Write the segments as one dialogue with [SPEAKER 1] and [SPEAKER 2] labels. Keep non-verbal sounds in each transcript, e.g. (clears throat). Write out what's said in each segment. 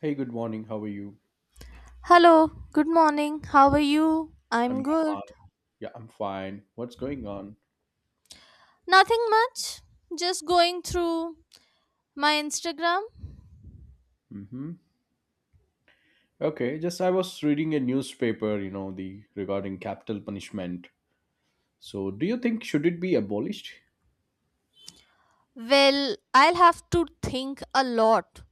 [SPEAKER 1] Hey, good morning. How are you?
[SPEAKER 2] Hello, good morning. How are you? I'm
[SPEAKER 1] I'm
[SPEAKER 2] good.
[SPEAKER 1] fine. Yeah, I'm fine. What's going on?
[SPEAKER 2] Nothing much. Just going through my Instagram.
[SPEAKER 1] Mm-hmm. Okay, just I was reading a newspaper, you know, the regarding capital punishment. So, do you think should it be abolished?
[SPEAKER 2] Well, I'll have to think a lot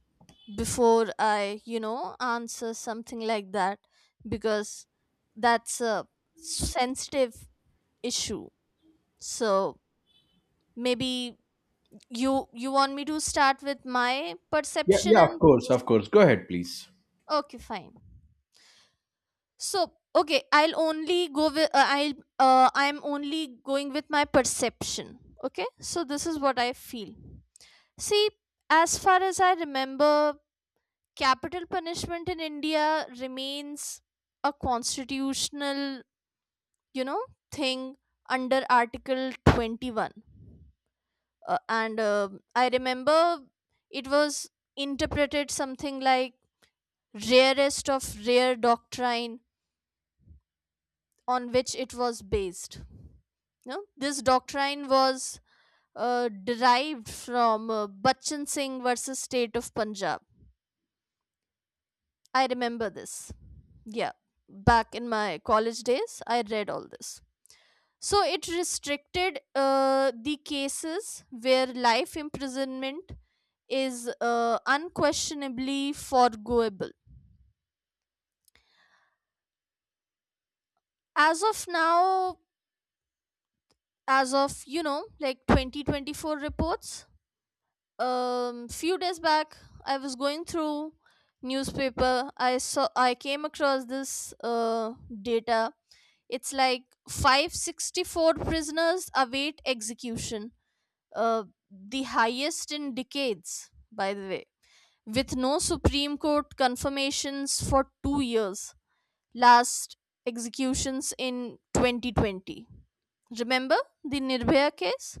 [SPEAKER 2] before I answer something like that because that's a sensitive issue. So, maybe you want me to start with my
[SPEAKER 1] Yeah,
[SPEAKER 2] perception
[SPEAKER 1] yeah, of
[SPEAKER 2] and
[SPEAKER 1] course,
[SPEAKER 2] things?
[SPEAKER 1] of course. Go ahead, please.
[SPEAKER 2] Okay, fine. So, okay, I'll only go with I'm only going with my perception. Okay? So this is what I feel. See, as far as I remember, capital punishment in India remains a constitutional, you know, thing under Article 21. And I remember it was interpreted something like rarest of rare doctrine on which it was based. No, this doctrine was derived from Bachchan Singh versus State of Punjab. I remember this. Yeah, back in my college days, I read all this. So it restricted the cases where life imprisonment is unquestionably forgoable. As of now, as of like 2024 reports, few days back I was going through newspaper. I came across this uh, data. It's like 564 prisoners await execution, the highest in decades, by the way, with no Supreme Court confirmations for 2 years. Last executions in 2020, remember the Nirbhaya case.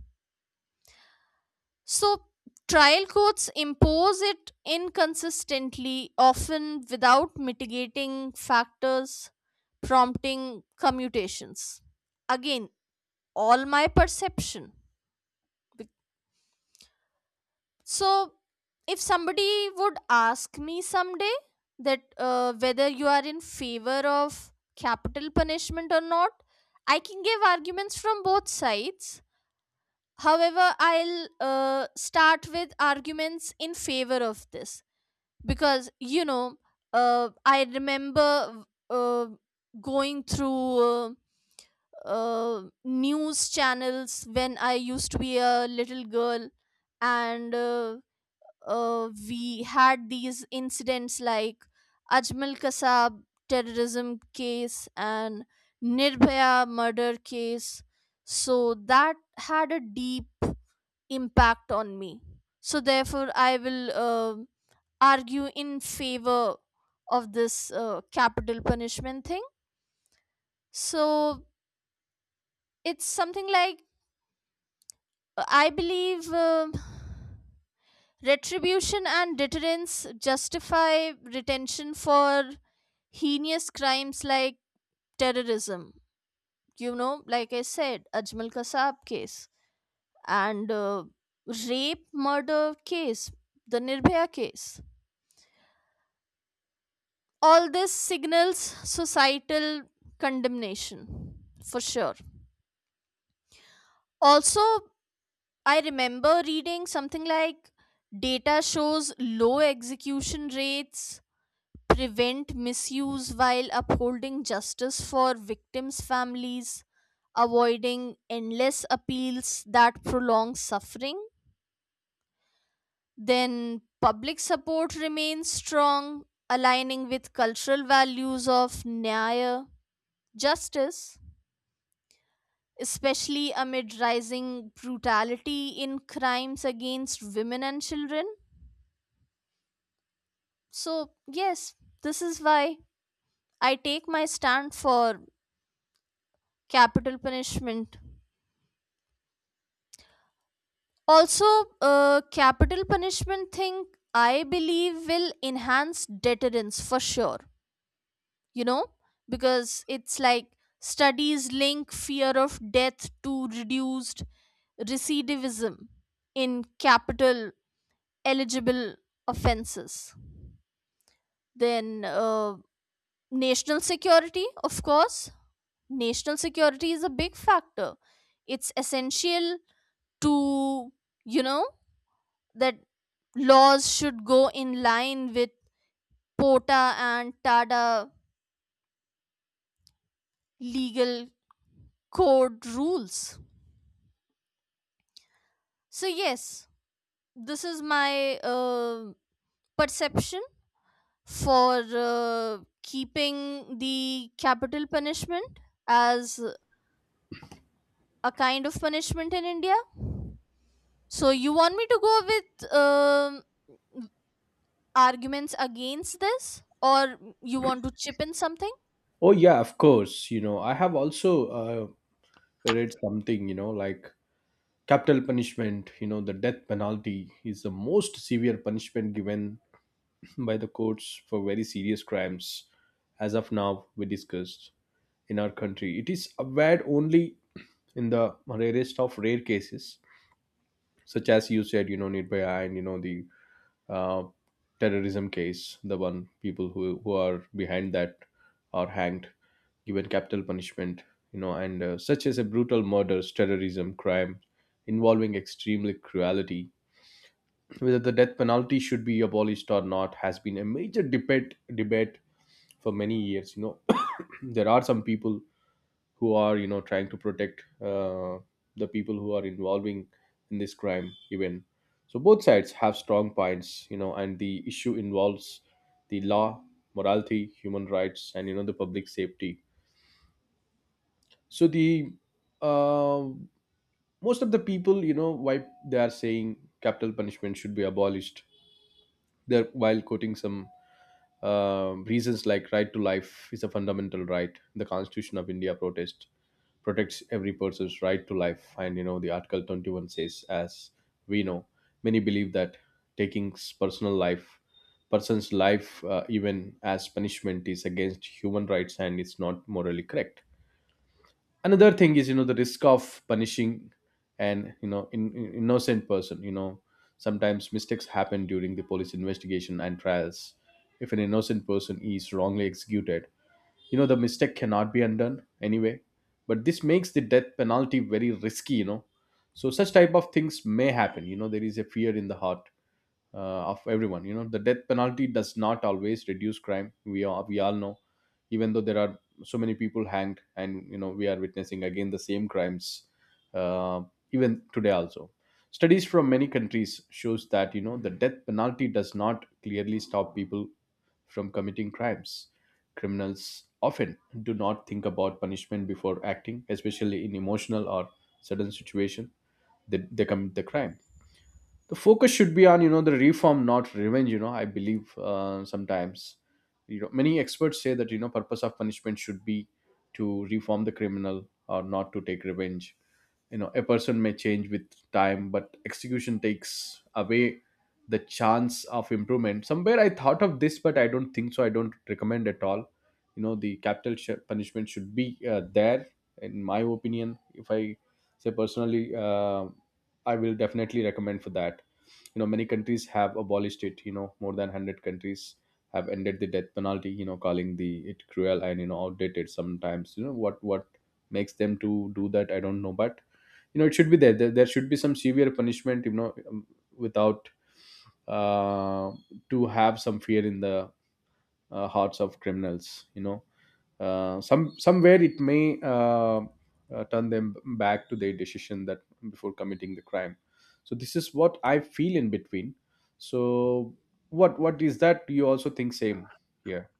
[SPEAKER 2] So, trial courts impose it inconsistently, often without mitigating factors, prompting commutations. Again, all my perception. Bec- So, if somebody would ask me someday that whether you are in favor of capital punishment or not, I can give arguments from both sides. However, I'll start with arguments in favor of this because I remember going through news channels when I used to be a little girl, and we had these incidents like Ajmal Kasab terrorism case and Nirbhaya murder case. So that had a deep impact on me. So therefore I will argue in favor of this capital punishment thing. So it's something like, I believe retribution and deterrence justify retention for heinous crimes like terrorism, you know, like I said, Ajmal Kasab case, and rape murder case, the Nirbhaya case. All this signals societal condemnation, for sure. Also, I remember reading something like data shows low execution rates prevent misuse while upholding justice for victims' families, avoiding endless appeals that prolong suffering. Then, public support remains strong, aligning with cultural values of Nyaya, justice, especially amid rising brutality in crimes against women and children. So, yes, this is why I take my stand for capital punishment. Also, capital punishment thing, I believe, will enhance deterrence for sure, you know, because it's like studies link fear of death to reduced recidivism in capital eligible offenses. Then, national security, of course. National security is a big factor. It's essential to, you know, that laws should go in line with POTA and TADA legal code rules. So, yes, this is my perception for keeping the capital punishment as a kind of punishment in India. So you want me to go with arguments against this, or you want to chip in something?
[SPEAKER 1] Oh, yeah, of course. You know, I have also read something, like capital punishment, the death penalty is the most severe punishment given by the courts for very serious crimes, as of now, we discussed in our country. It is aware only in the rarest of rare cases, such as you said, Nirbhaya, and you know the uh, terrorism case. The one people who are behind that are hanged, given capital punishment, you know, and such as a brutal murders, terrorism, crime involving extremely cruelty. Whether the death penalty should be abolished or not has been a major debate for many years. You know, (coughs) (clears throat) there are some people who are trying to protect the people who are involving in this crime even. So both sides have strong points, and the issue involves the law, morality, human rights, and the public safety. So the, uh, most of the people, why they are saying capital punishment should be abolished, they're while quoting some reasons, like right to life is a fundamental right. The constitution of India protest protects every person's right to life. And you know, the Article 21 says, as we know, many believe that taking personal life, person's life, even as punishment, is against human rights and it's not morally correct. Another thing is, you know, the risk of punishing an innocent person. You know, sometimes mistakes happen during the police investigation and trials. If an innocent person is wrongly executed, the mistake cannot be undone anyway, but this makes the death penalty very risky. You know, so such type of things may happen. You know, there is a fear in the heart of everyone. You know, the death penalty does not always reduce crime. We all know, even though there are so many people hanged, and we are witnessing again the same crimes, uh, even today also. Studies from many countries shows that the death penalty does not clearly stop people from committing crimes. Criminals often do not think about punishment before acting, especially in emotional or sudden situation. They commit the crime. The focus should be on, the reform, not revenge. You know, I believe, sometimes, many experts say that, purpose of punishment should be to reform the criminal or not to take revenge. You know, a person may change with time, but execution takes away the chance of improvement. Somewhere I thought of this, but I don't think so. I don't recommend at all, the capital punishment should be there. In my opinion, if I say personally, I will definitely recommend for that. You know, many countries have abolished it. You know, more than 100 countries have ended the death penalty, calling the it cruel and outdated sometimes. You know what makes them to do that? I don't know, but it should be there. There should be some severe punishment. You know, without, uh, to have some fear in the, hearts of criminals. You know, somewhere it may, turn them back to their decision that before committing the crime. So this is what I feel. In between, so what is that? Do you also think same here?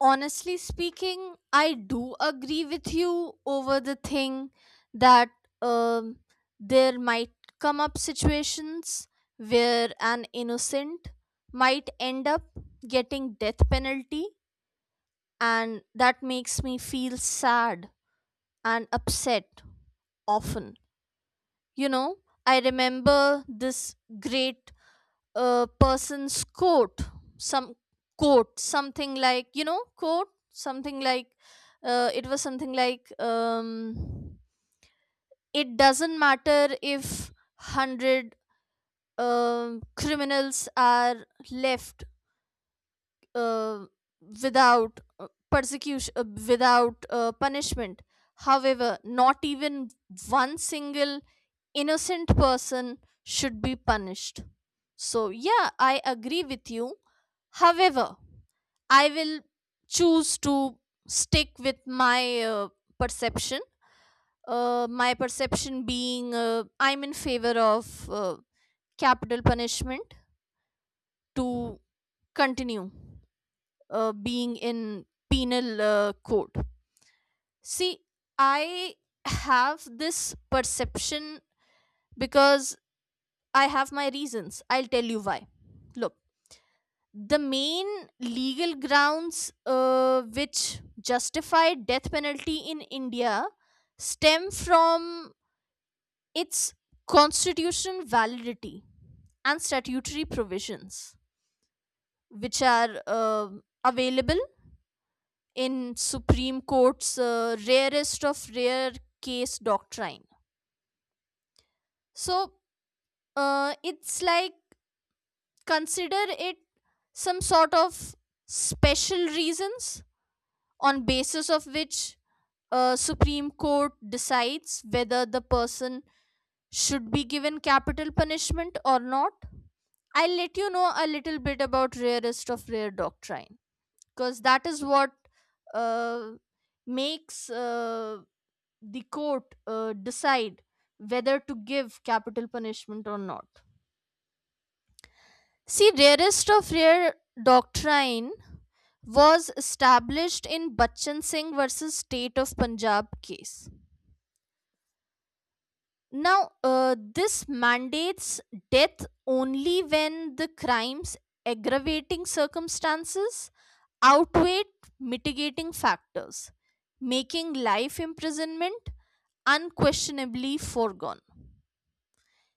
[SPEAKER 2] Honestly speaking, I do agree with you over the thing that um, there might come up situations where an innocent might end up getting death penalty, and that makes me feel sad and upset often. You know, I remember this great a person's coat, some quote, something like, you know, quote something like, it was something like, it doesn't matter if 100 criminals are left uh, without persecution, without punishment, however not even one single innocent person should be punished. So, yeah, I agree with you. However, I will choose to stick with my perception. My perception being, I'm in favor of capital punishment to continue being in penal code. See, I have this perception because I have my reasons. I'll tell you why. Look, the main legal grounds which justify death penalty in India stem from its constitutional validity and statutory provisions, which are available in Supreme Court's rarest of rare case doctrine. So it's like, consider it some sort of special reasons on basis of which a Supreme Court decides whether the person should be given capital punishment or not. I'll let you know a little bit about rarest of rare doctrine, because that is what uh, makes the court decide whether to give capital punishment or not. See, rarest of rare doctrine was established in Bachchan Singh versus State of Punjab case. Now, this mandates death only when the crime's aggravating circumstances outweigh mitigating factors, making life imprisonment unquestionably foregone.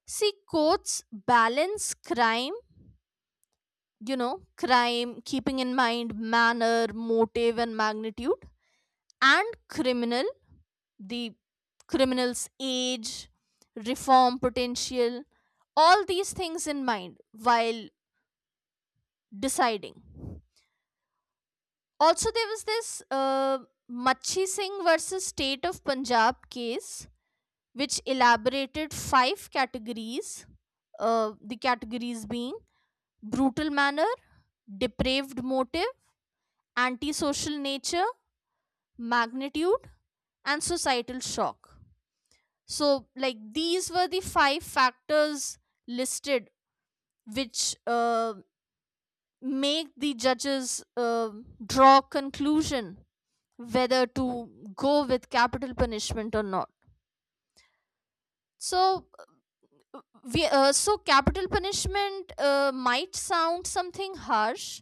[SPEAKER 2] See, courts balance crime, keeping in mind manner, motive, and magnitude, and the criminal's age, reform potential, all these things in mind while deciding. Also, there was this Machi Singh versus State of Punjab case, which elaborated five categories. The categories being brutal manner, depraved motive, antisocial nature, magnitude, and societal shock. So like these were the five factors listed, which make the judges draw conclusion whether to go with capital punishment or not. So uh, we so capital punishment might sound something harsh,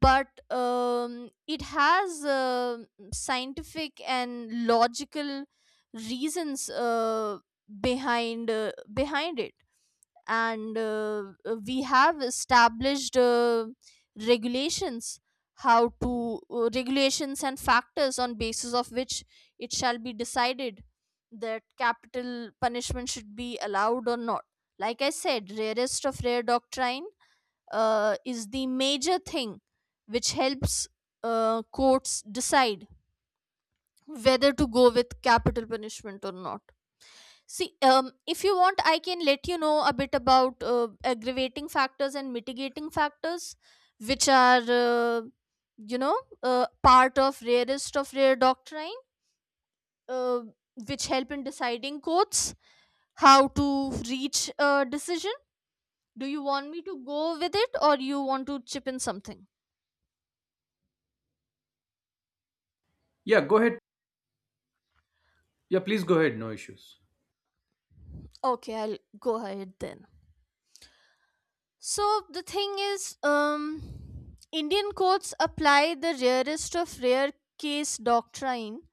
[SPEAKER 2] but it has scientific and logical reasons behind it. And we have established regulations, how to regulations and factors on basis of which it shall be decided that capital punishment should be allowed or not. Like I said, rarest of rare doctrine is the major thing which helps courts decide whether to go with capital punishment or not. See, if you want, I can let you know a bit about aggravating factors and mitigating factors, which are, part of rarest of rare doctrine, uh, which help in deciding courts, how to reach a decision. Do you want me to go with it or you want to chip in something?
[SPEAKER 1] Yeah, go ahead. Yeah, please go ahead. No issues.
[SPEAKER 2] Okay, I'll go ahead then. So the thing is, Indian courts apply the rarest of rare case doctrine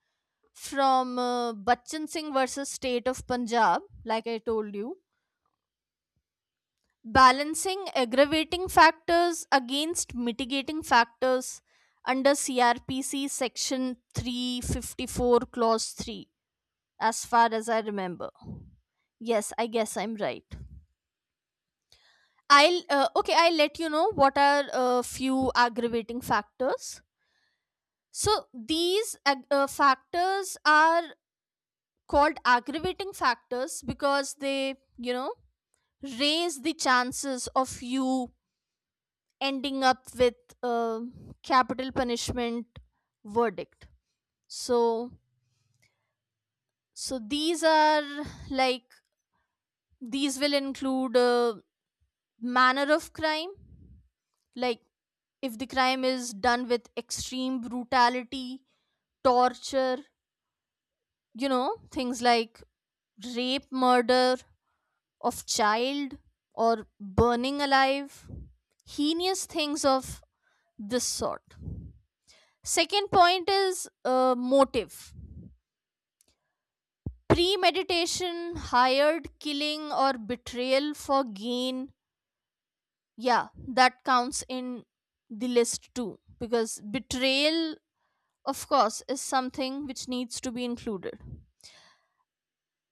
[SPEAKER 2] from Bachchan Singh versus State of Punjab, like I told you, balancing aggravating factors against mitigating factors under CRPC section 354 clause 3, as far as I remember. Yes, I guess I'm right. I'll okay, I'll let you know what are a few aggravating factors. So these factors are called aggravating factors because they, you know, raise the chances of you ending up with a capital punishment verdict. So these are like, these will include manner of crime. Like if the crime is done with extreme brutality, torture, you know, things like rape murder of child or burning alive, heinous things of this sort. Second point is motive. Premeditation, hired killing, or betrayal for gain. Yeah, that counts in the list too. Because betrayal, of course, is something which needs to be included.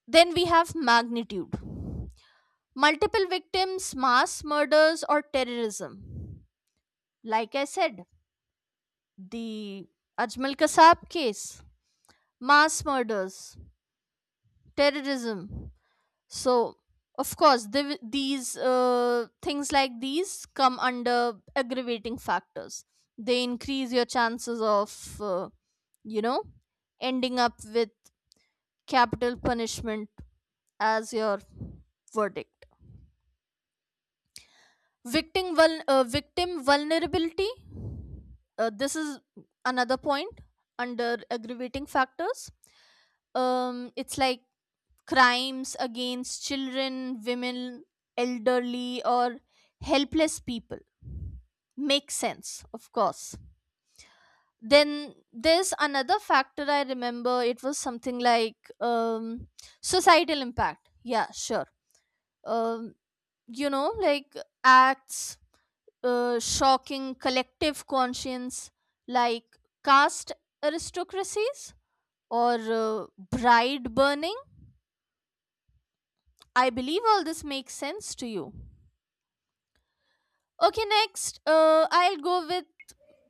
[SPEAKER 2] Then we have magnitude. Multiple victims, mass murders, or terrorism. Like I said, the Ajmal Kasab case, mass murders, terrorism, so of course these things like these come under aggravating factors. They increase your chances of, you know ending up with capital punishment as your verdict. Victim vulnerability, this is another point under aggravating factors. It's like crimes against children, women, elderly, or helpless people. Makes sense, of course. Then there's another factor I remember. It was something like, societal impact. Yeah, sure. Um, you know, like acts shocking collective conscience, like caste aristocracies or bride burning. I believe all this makes sense to you. Okay, next, I'll go with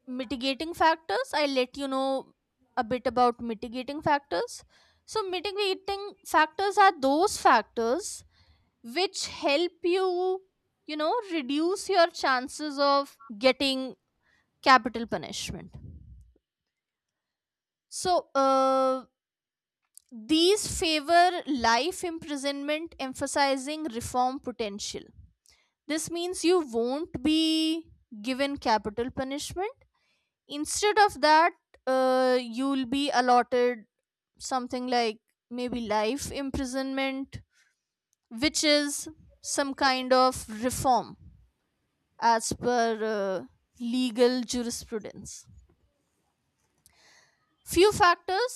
[SPEAKER 2] mitigating factors. I'll let you know a bit about mitigating factors. So, mitigating factors are those factors which help you, you know, reduce your chances of getting capital punishment. So, these favor life imprisonment, emphasizing reform potential. This means you won't be given capital punishment. Instead of that, you'll be allotted something like maybe life imprisonment, which is some kind of reform as per uh, legal jurisprudence. Few factors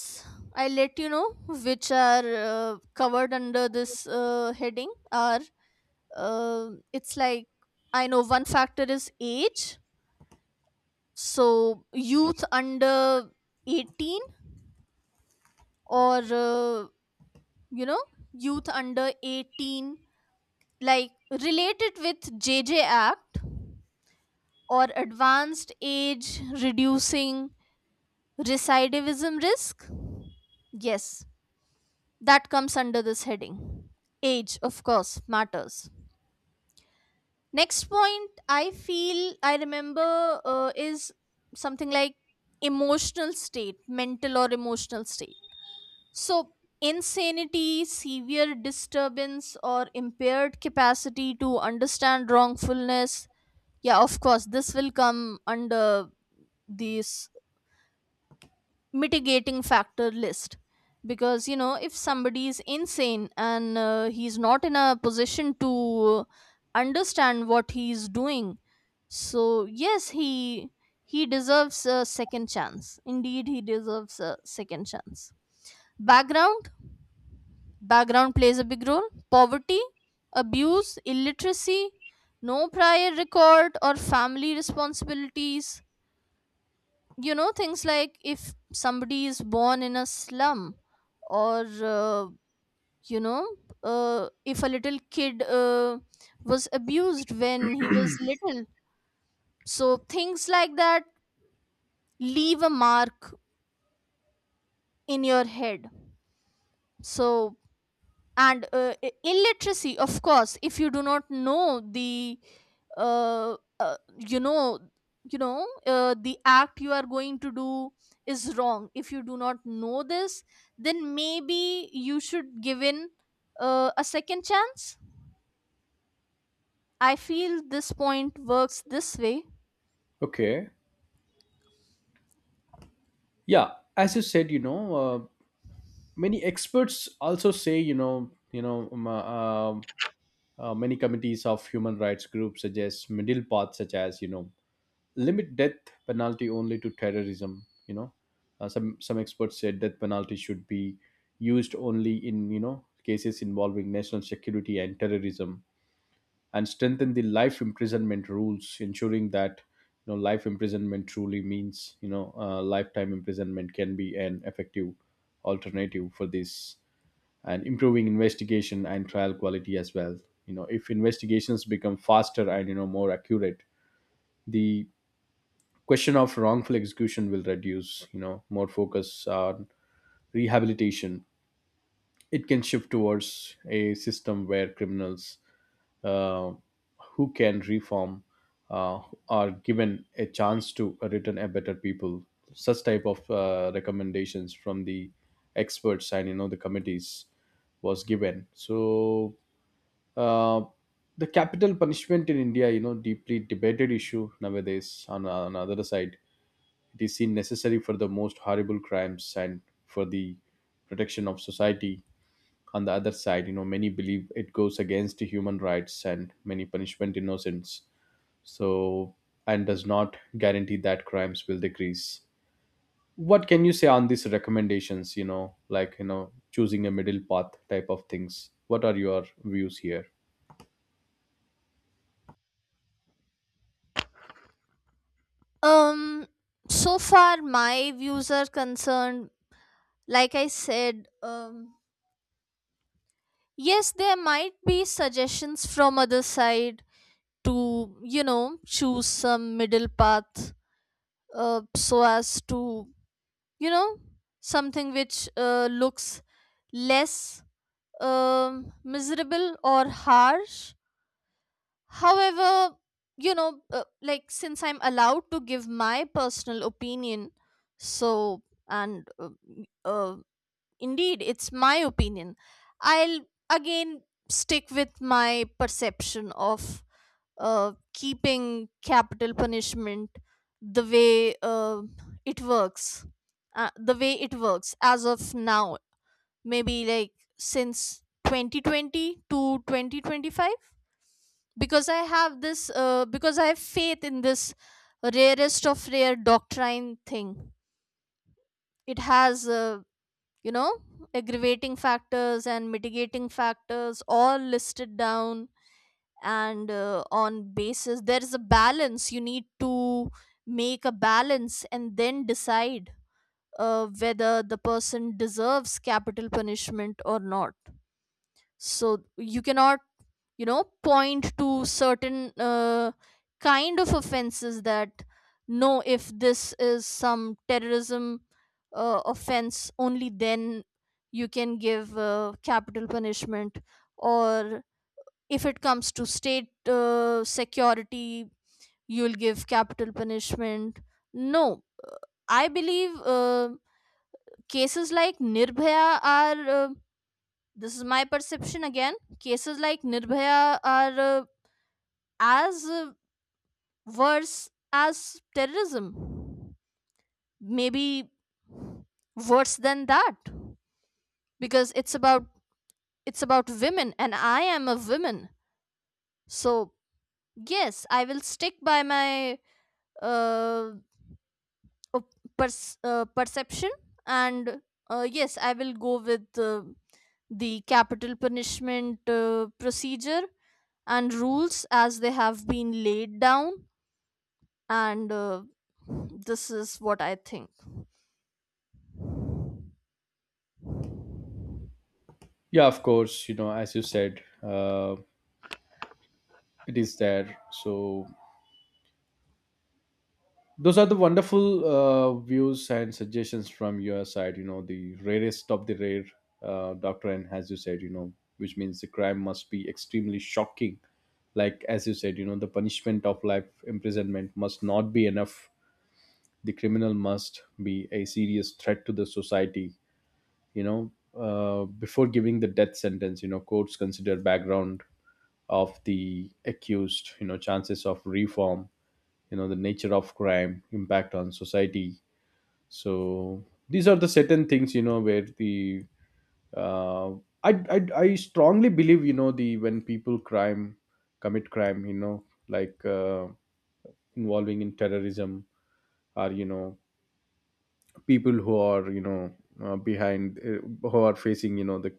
[SPEAKER 2] I let you know which are covered under this heading are, it's like, I know one factor is age. So youth under 18, or uh, you know youth under 18, like related with JJ Act, or advanced age reducing recidivism risk. Yes, that comes under this heading. Age of course matters. Next point I feel I remember is something like emotional state mental or emotional state. So, insanity, severe disturbance, or impaired capacity to understand wrongfulness. Yeah, of course, this will come under this mitigating factor list. Because, you know, if somebody is insane and he's not in a position to understand what he's doing, so yes, he deserves a second chance. Indeed, he deserves a second chance. Background background plays a big role. Poverty, abuse, illiteracy, no prior record, or family responsibilities. You know, things like if somebody is born in a slum, or, you know, if a little kid was abused when he was little. So, things like that leave a mark in your head. So, Illiteracy, of course, if you do not know the uh, uh, you know the act you are going to do is wrong, if you do not know this, then maybe you should give in a second chance. I feel this point works this way.
[SPEAKER 1] Okay. Yeah, as you said, you know, many experts also say, you know, um, uh, um, many committees of human rights groups suggest middle path, such as, limit death penalty only to terrorism. Some experts said death penalty should be used only in, cases involving national security and terrorism, and strengthen the life imprisonment rules, ensuring that, life imprisonment truly means, lifetime imprisonment can be an effective alternative for this, and improving investigation and trial quality as well. You know, if investigations become faster and, more accurate, the question of wrongful execution will reduce. You know, more focus on rehabilitation, it can shift towards a system where criminals, uh, who can reform, uh, are given a chance to return a better people. Such type of, recommendations from the experts and, the committees was given. So, uh, the capital punishment in India, deeply debated issue nowadays. On on, the other side, it is seen necessary for the most horrible crimes and for the protection of society. On the other side, many believe it goes against human rights and many punishment innocence. So, and does not guarantee that crimes will decrease. What can you say on these recommendations? You know, like, choosing a middle path type of things. What are your views here?
[SPEAKER 2] um so far my views are concerned, like I said, yes, there might be suggestions from other side to, you know, choose some middle path, so as to, you know, something which looks less miserable or harsh. However, like, since I'm allowed to give my personal opinion, so and uh, indeed it's my opinion, I'll again stick with my perception of keeping capital punishment the way it works, the way it works as of now, maybe like since 2020 to 2025, because I have faith in this rarest of rare doctrine thing. It has, you know aggravating factors and mitigating factors all listed down, and on basis there is a balance, you need to make a balance and then decide whether the person deserves capital punishment or not. So you cannot, you know, point to certain kind of offenses that no, if this is some terrorism offense only then you can give capital punishment, or if it comes to state security, you'll give capital punishment. No. uh, I believe cases like Nirbhaya are, this is my perception again, cases like Nirbhaya are, as worse as terrorism, maybe worse than that, because it's about, it's about women, and I am a woman. So yes, I will stick by my uh, uh, perception, and yes, I will go with the capital punishment procedure and rules as they have been laid down. And this is what I think.
[SPEAKER 1] Yeah, of course. You know, as you said, it is there. So those are the wonderful, views and suggestions from your side. You know, the rarest of the rare, Dr. N, as you said, you know, which means the crime must be extremely shocking. Like as you said, the punishment of life imprisonment must not be enough. The criminal must be a serious threat to the society, you know before giving the death sentence. You know, courts consider background of the accused, chances of reform, the nature of crime, impact on society. So these are the certain things, where the, uh, I strongly believe, the when people crime commit crime, like, involving in terrorism, or, people who are, behind, who are facing, the,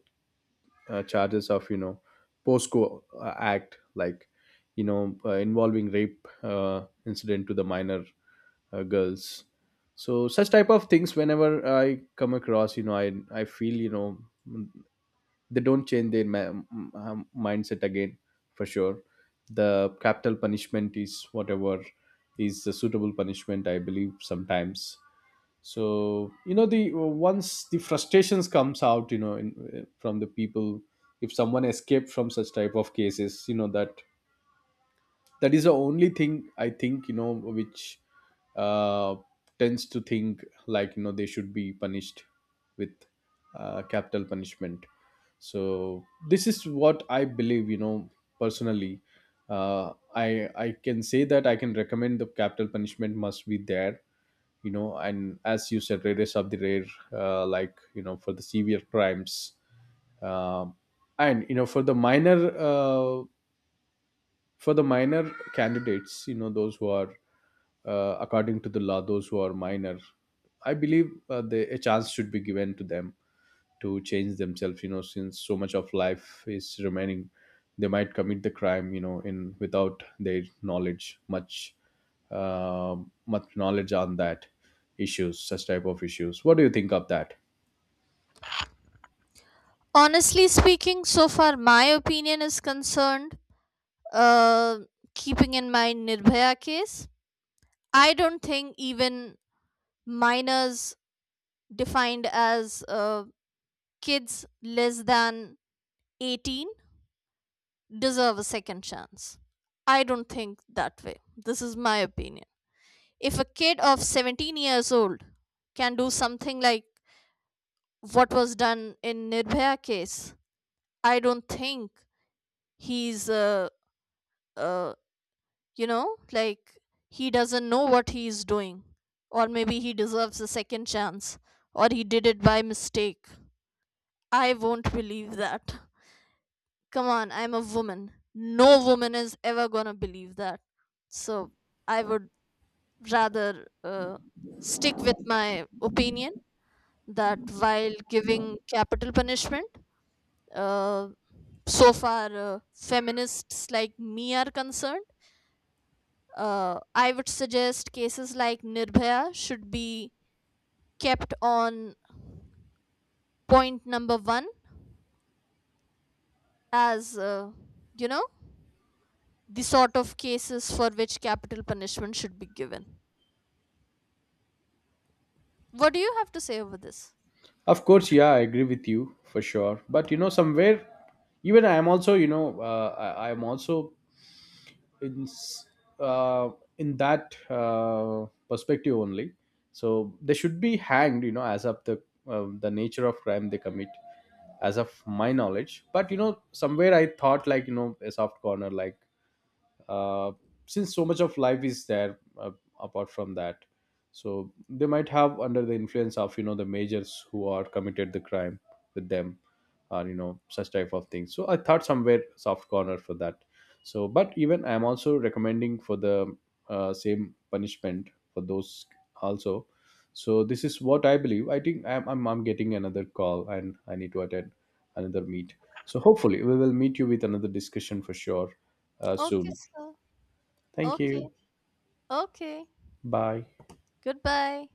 [SPEAKER 1] charges of, POSCO, act, like, involving rape, incident to the minor, girls. So such type of things, whenever I come across, I feel, mm, they don't change their, mindset again, for sure. The capital punishment is whatever is the suitable punishment, I believe, sometimes. So, you know, the once the frustrations comes out, you know, from the people. If someone escaped from such type of cases, you know, that is the only thing, I think, which, uh, tends to think like, they should be punished with, capital punishment. So this is what I believe, personally, I can say that I can recommend the capital punishment must be there, and as you said, rarest of the rare, like, you know, for the severe crimes, um, and, for the minor, for the minor candidates, you know, those who are, according to the law, those who are minor, I believe, a chance should be given to them to change themselves. You know, since so much of life is remaining, they might commit the crime, in without their knowledge much, uh, much knowledge on that issues. Such type of issues, what do you think of that?
[SPEAKER 2] Honestly speaking, so far my opinion is concerned, uh, keeping in mind Nirbhaya case, I don't think even minors, defined as uh, kids less than 18, deserve a second chance. I don't think that way. This is my opinion. If a kid of 17 years old can do something like what was done in Nirbhaya case, I don't think he's, uh, uh, you know, like he doesn't know what he is doing, or maybe he deserves a second chance, or he did it by mistake. I won't believe that. Come on, I'm a woman. No woman is ever gonna believe that. So I would rather stick with my opinion that while giving capital punishment, uh, so far feminists like me are concerned, I would suggest cases like Nirbhaya should be kept on point number one as, you know, the sort of cases for which capital punishment should be given. What do you have to say over this?
[SPEAKER 1] Of course, yeah, I agree with you for sure. But you know somewhere, even I am also, you know, I am also in, uh, that, perspective only. So they should be hanged, you know, as of the, the nature of crime they commit, as of my knowledge. But, you know, somewhere I thought like, you know, a soft corner, like, uh, since so much of life is there, apart from that. So they might have under the influence of, you know, the majors who are committed the crime with them, or, you know, such type of things. So I thought somewhere soft corner for that. So but even I'm also recommending for the, same punishment for those also. So this is what I believe. I think I'm getting another call, and I need to attend another meet. So hopefully we will meet you with another discussion for sure,
[SPEAKER 2] Okay,
[SPEAKER 1] soon.
[SPEAKER 2] sir.
[SPEAKER 1] Thank
[SPEAKER 2] Okay.
[SPEAKER 1] you.
[SPEAKER 2] Okay.
[SPEAKER 1] Bye.
[SPEAKER 2] Goodbye.